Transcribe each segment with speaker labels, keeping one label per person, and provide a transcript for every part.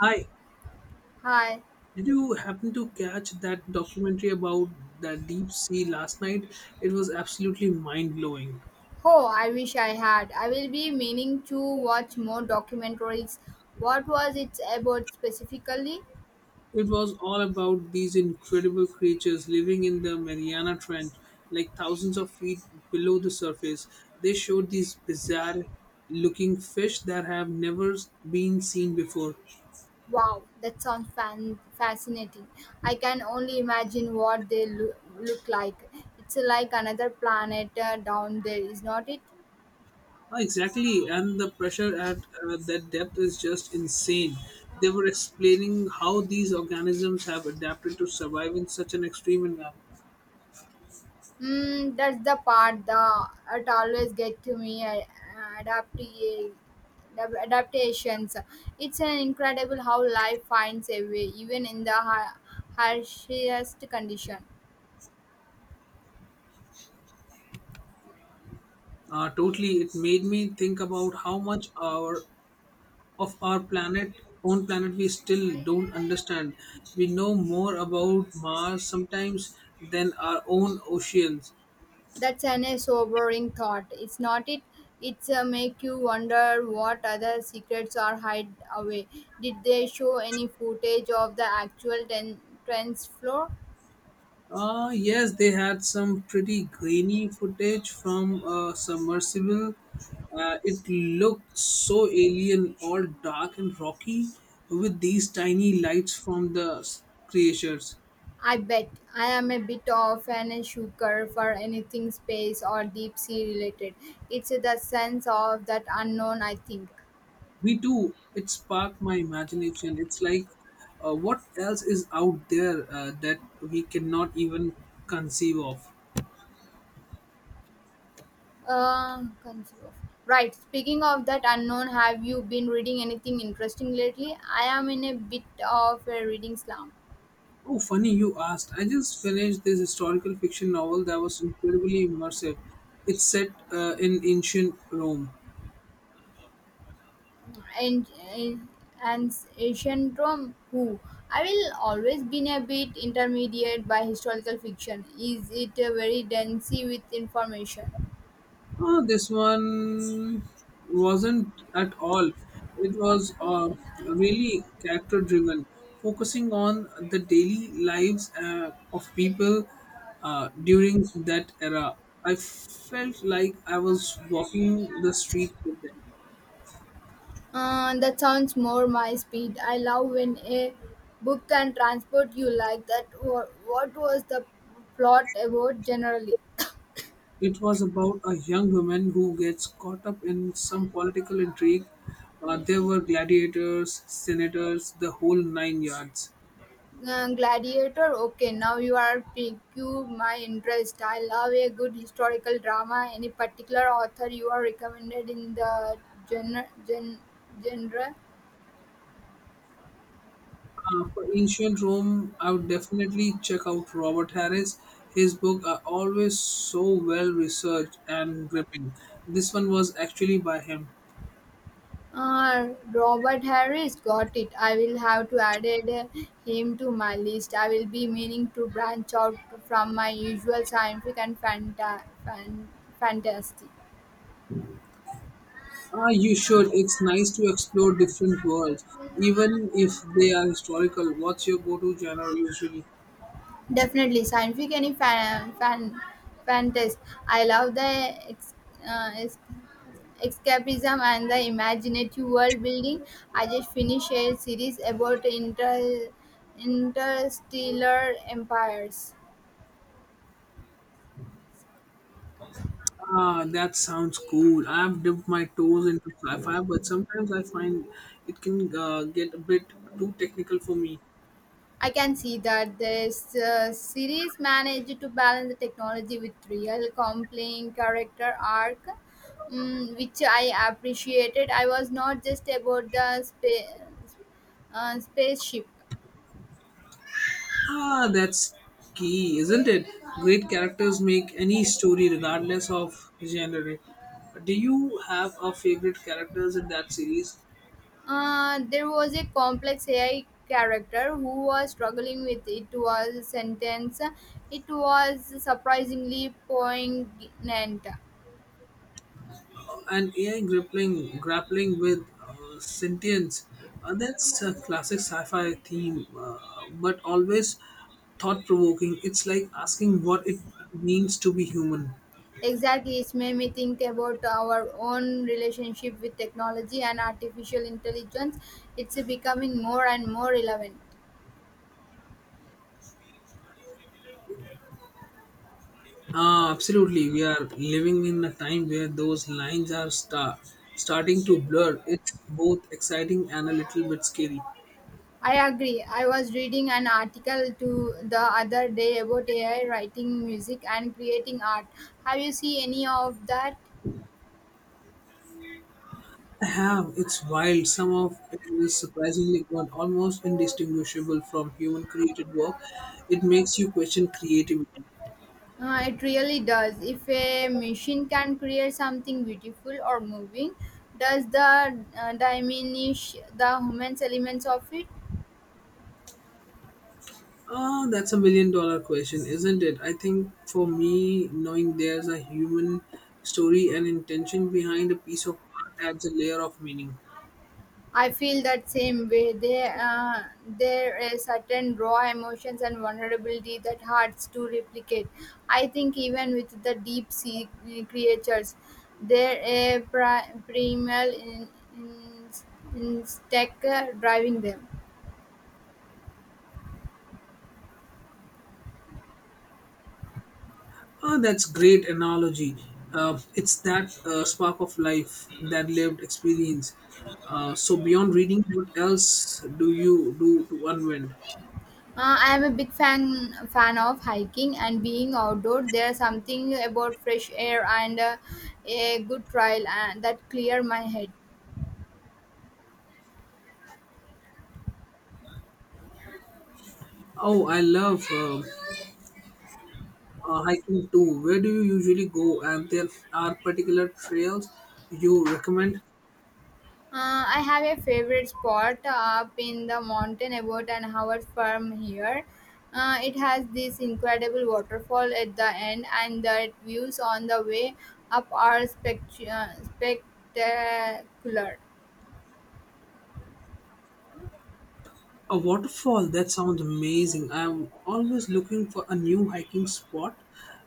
Speaker 1: Hi,
Speaker 2: Hi.
Speaker 1: did you happen to catch that documentary about the deep sea last night? It was absolutely mind blowing.
Speaker 2: Oh, I wish I had. I will be meaning to watch more documentaries. What was it about specifically?
Speaker 1: It was all about these incredible creatures living in the Mariana Trench, like thousands of feet below the surface. They showed these bizarre looking fish that have never been seen before.
Speaker 2: Wow, that sounds fascinating. I can only imagine what they look like. It's like another planet down there, is not it?
Speaker 1: Ah, exactly, and the pressure at that depth is just insane. They were explaining how these organisms have adapted to survive in such an extreme environment.
Speaker 2: That's the part that it always get to me. Adapti- Adaptations. It's an incredible how life finds a way, even in the harshest condition.
Speaker 1: Totally, it made me think about how much our of our planet, own planet, we still don't understand. We know more about Mars sometimes than our own oceans.
Speaker 2: That's an a sobering thought. It's not it. It's make you wonder what other secrets are hide away. Did they show any footage of the actual trends floor?
Speaker 1: Yes, they had some pretty grainy footage from a submersible. It looked so alien, all dark and rocky, with these tiny lights from the creatures.
Speaker 2: I bet I am a bit of an sucker for anything space or deep sea related. It's the sense of that unknown, I think.
Speaker 1: Me too. It sparked my imagination. It's like, what else is out there that we cannot even conceive of?
Speaker 2: Control. Right. Speaking of that unknown, have you been reading anything interesting lately? I am in a bit of a reading slump.
Speaker 1: Oh, funny you asked. I just finished this historical fiction novel that was incredibly immersive. It's set in ancient Rome.
Speaker 2: And and syndrome. Who I will always been a bit intermediate by historical fiction. Is it very dense with information?
Speaker 1: Oh, this one wasn't at all. It was really character driven, focusing on the daily lives of people during that era. I felt like I was walking the streets with them.
Speaker 2: That sounds more my speed. I love when a book can transport you like that. What was the plot about generally?
Speaker 1: It was about a young woman who gets caught up in some political intrigue. There were gladiators, senators, the whole nine yards.
Speaker 2: Gladiator? Okay, now you are piqued my interest. I love a good historical drama. Any particular author you are recommended in the gen- gen- genre?
Speaker 1: For ancient Rome, I would definitely check out Robert Harris. His books are always so well researched and gripping. This one was actually by him.
Speaker 2: Robert Harris got it. I will have to add him to my list. I will be meaning to branch out from my usual scientific and fantasy.
Speaker 1: Ah, you should. It's nice to explore different worlds, even if they are historical. What's your go-to genre usually?
Speaker 2: Definitely scientific and fantasy. I love the uh, ex- escapism and the imaginative world building. I just finished a series about interstellar empires.
Speaker 1: Ah, that sounds cool. I've dipped my toes into sci-fi, but sometimes I find it can get a bit too technical for me.
Speaker 2: I can see that this series managed to balance the technology with real, compelling character arc, which I appreciated. I was not just about the spaceship.
Speaker 1: Ah, that's key, isn't it? Great characters make any story, regardless of genre. Do you have a favorite characters in that series?
Speaker 2: There was a complex AI character who was struggling with it was sentence. It was surprisingly poignant.
Speaker 1: And AI grappling with sentience. That's a classic sci-fi theme, but always thought-provoking. It's like asking what it means to be human.
Speaker 2: Exactly, it's made me think about our own relationship with technology and artificial intelligence. It's becoming more and more relevant.
Speaker 1: Ah, absolutely, we are living in a time where those lines are starting to blur. It's both exciting and a little bit scary.
Speaker 2: I agree. I was reading an article to the other day about AI writing music and creating art. Have you seen any of that?
Speaker 1: I have. It's wild. Some of it is surprisingly good, almost indistinguishable from human created work. It makes you question creativity.
Speaker 2: It really does. If a machine can create something beautiful or moving, does the diminish the human elements of it?
Speaker 1: Ah, that's a million dollar question, isn't it? I think for me, knowing there's a human story and intention behind a piece of art adds a layer of meaning.
Speaker 2: I feel that same way. There is certain raw emotions and vulnerability that hard to replicate. I think even with the deep sea creatures, there a primal in, instinct driving them.
Speaker 1: Ah, that's great analogy. It's that spark of life, that lived experience. So beyond reading, what else do you do to unwind?
Speaker 2: I am a big fan of hiking and being outdoor. There's something about fresh air and a good trail that clear my head.
Speaker 1: Oh, I love hiking too. Where do you usually go? And there are particular trails you recommend?
Speaker 2: I have a favorite spot up in the mountain about an hour from here. It has this incredible waterfall at the end, and the views on the way up are spectacular.
Speaker 1: A waterfall? That sounds amazing. I'm always looking for a new hiking spot.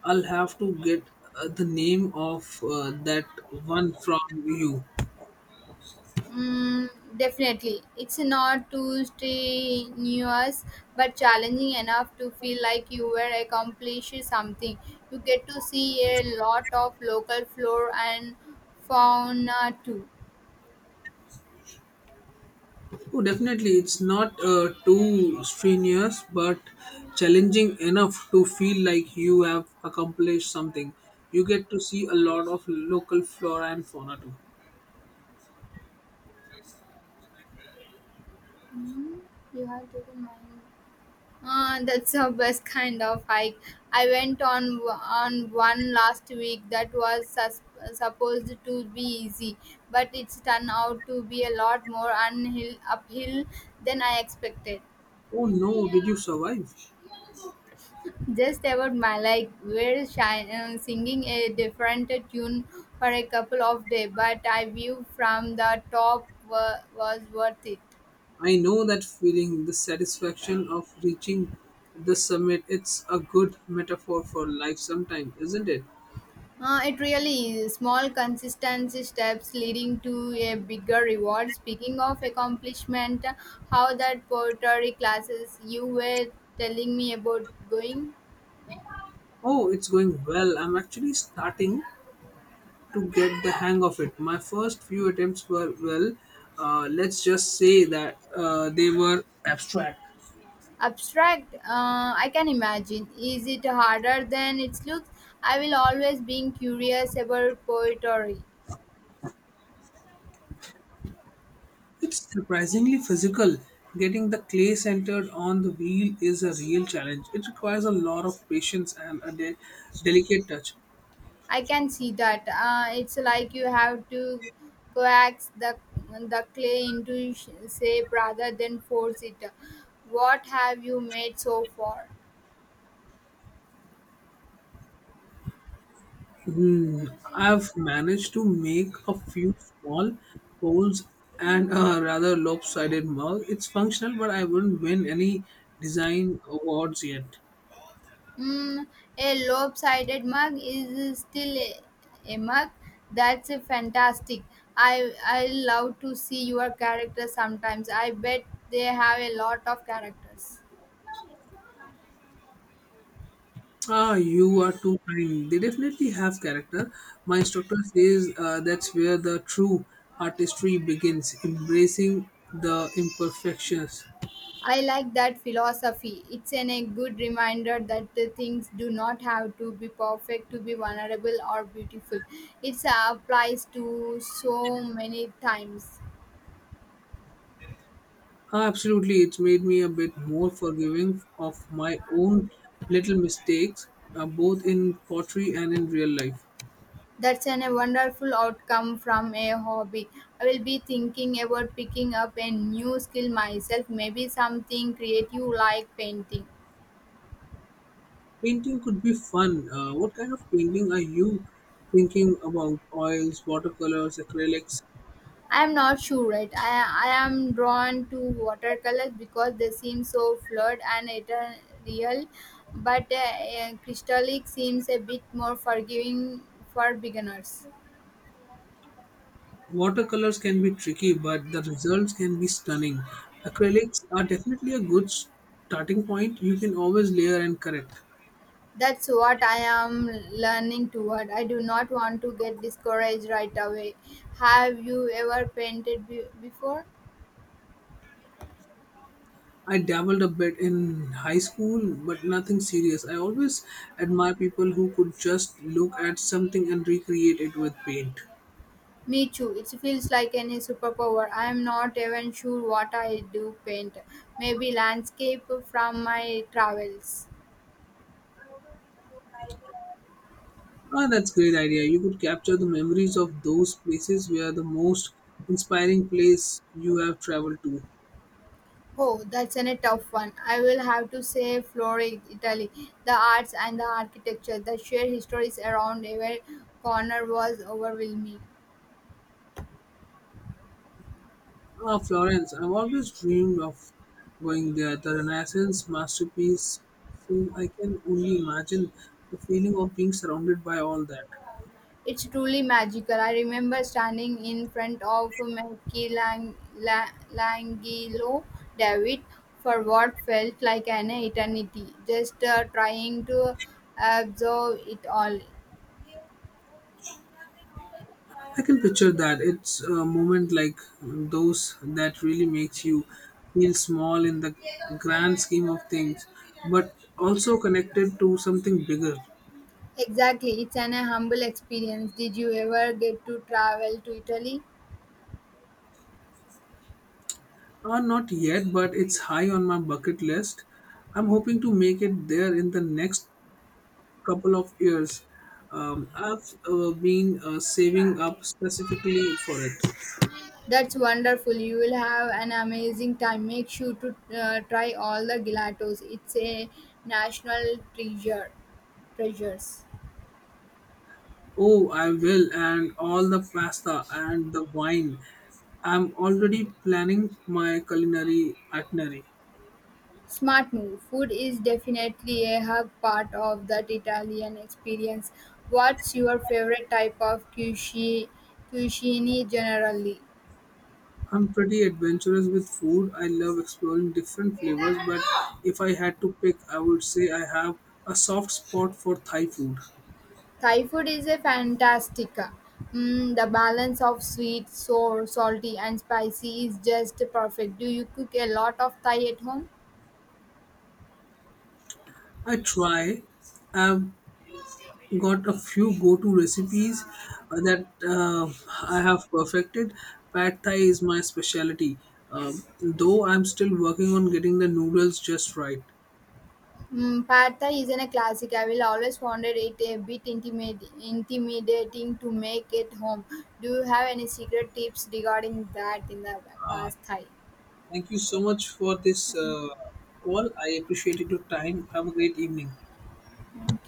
Speaker 1: I'll have to get the name of that one from you.
Speaker 2: Mm, Definitely. It's not too strenuous but challenging enough to feel like you were accomplishing something. You get to see a lot of local flora and fauna too.
Speaker 1: Oh, definitely. It's not too strenuous, but challenging enough to feel like you have accomplished something. You get to see a lot of local flora and fauna too.
Speaker 2: Hmm, you have taken mine. That's the best kind of hike. I went on one last week that was supposed to be easy, but it's turned out to be a lot more unhill uphill than I expected.
Speaker 1: Oh no, did you survive?
Speaker 2: Just about my like we're singing a different tune for a couple of days, but I view from the top was worth it.
Speaker 1: I know that feeling, the satisfaction of reaching the summit, it's a good metaphor for life sometimes, isn't it?
Speaker 2: It really is. Small consistency steps leading to a bigger reward. Speaking of accomplishment, how that pottery classes you were telling me about going.
Speaker 1: Oh, it's going well. I'm actually starting to get the hang of it. My first few attempts were, well, let's just say that they were abstract.
Speaker 2: Abstract, I can imagine. Is it harder than it looks? I will always being curious about poetry.
Speaker 1: It's surprisingly physical. Getting the clay centered on the wheel is a real challenge. It requires a lot of patience and a delicate touch.
Speaker 2: I can see that. It's like you have to coax the clay into shape rather than force it. What have you made so far?
Speaker 1: Hmm, I've managed to make a few small polls and a rather lopsided mug. It's functional, but I wouldn't win any design awards yet.
Speaker 2: Mm, a lopsided mug is still a mug. That's a fantastic. I love to see your characters sometimes. I bet they have a lot of characters.
Speaker 1: Ah, you are too kind. They definitely have character. My instructor says that's where the true artistry begins, embracing the imperfections.
Speaker 2: I like that philosophy. It's a good reminder that the things do not have to be perfect to be vulnerable or beautiful. It applies to so many times.
Speaker 1: Ah, absolutely, it's made me a bit more forgiving of my own little mistakes, both in pottery and in real life.
Speaker 2: That's a wonderful outcome from a hobby. I will be thinking about picking up a new skill myself, maybe something creative like painting.
Speaker 1: Painting could be fun. What kind of painting are you thinking about? Oils, watercolors, acrylics?
Speaker 2: I am not sure right? I am drawn to watercolors because they seem so fluid and ethereal, but crystallic seems a bit more forgiving for beginners.
Speaker 1: Watercolors can be tricky, but the results can be stunning. Acrylics are definitely a good starting point. You can always layer and correct.
Speaker 2: That's what I am learning toward. I do not want to get discouraged right away. Have you ever painted before?
Speaker 1: I dabbled a bit in high school, but nothing serious. I always admire people who could just look at something and recreate it with paint.
Speaker 2: Me too. It feels like any superpower. I am not even sure what I do paint. Maybe landscape from my travels.
Speaker 1: Ah, that's great idea. You could capture the memories of those places where the most inspiring place you have traveled to.
Speaker 2: Oh, that's an a tough one. I will have to say Florence, Italy. The arts and the architecture, the sheer histories around every corner was overwhelming.
Speaker 1: Ah, Florence. I've always dreamed of going there. The Renaissance masterpiece. So I can only imagine the feeling of being surrounded by all that.
Speaker 2: It's truly magical. I remember standing in front of Michelangelo David for what felt like an eternity, just trying to absorb it all.
Speaker 1: I can picture that. It's a moment like those that really makes you feel small in the grand scheme of things, but also connected to something bigger.
Speaker 2: Exactly, it's an humble experience. Did you ever get to travel to Italy?
Speaker 1: Not yet, but it's high on my bucket list. I'm hoping to make it there in the next couple of years. I've been saving up specifically for it.
Speaker 2: That's wonderful. You will have an amazing time. Make sure to try all the gelatos. It's a national treasure. Treasures.
Speaker 1: Oh, I will, and all the pasta and the wine. I'm already planning my culinary itinerary.
Speaker 2: Smart move. Food is definitely a hug part of that Italian experience. What's your favorite type of cuisine? Cuisine generally.
Speaker 1: I'm pretty adventurous with food. I love exploring different flavors, but if I had to pick, I would say I have a soft spot for Thai food.
Speaker 2: Thai food is a fantastica. The balance of sweet, sour, salty, and spicy is just perfect. Do you cook a lot of Thai at home?
Speaker 1: I try. I've got a few go-to recipes that I have perfected. Pad Thai is my specialty, um, though I'm still working on getting the noodles just right.
Speaker 2: Pad Thai is a classic. I will always found it a bit intimidating to make it home. Do you have any secret tips regarding that in the past Thai?
Speaker 1: Thank you so much for this call. I appreciated your time. Have a great evening.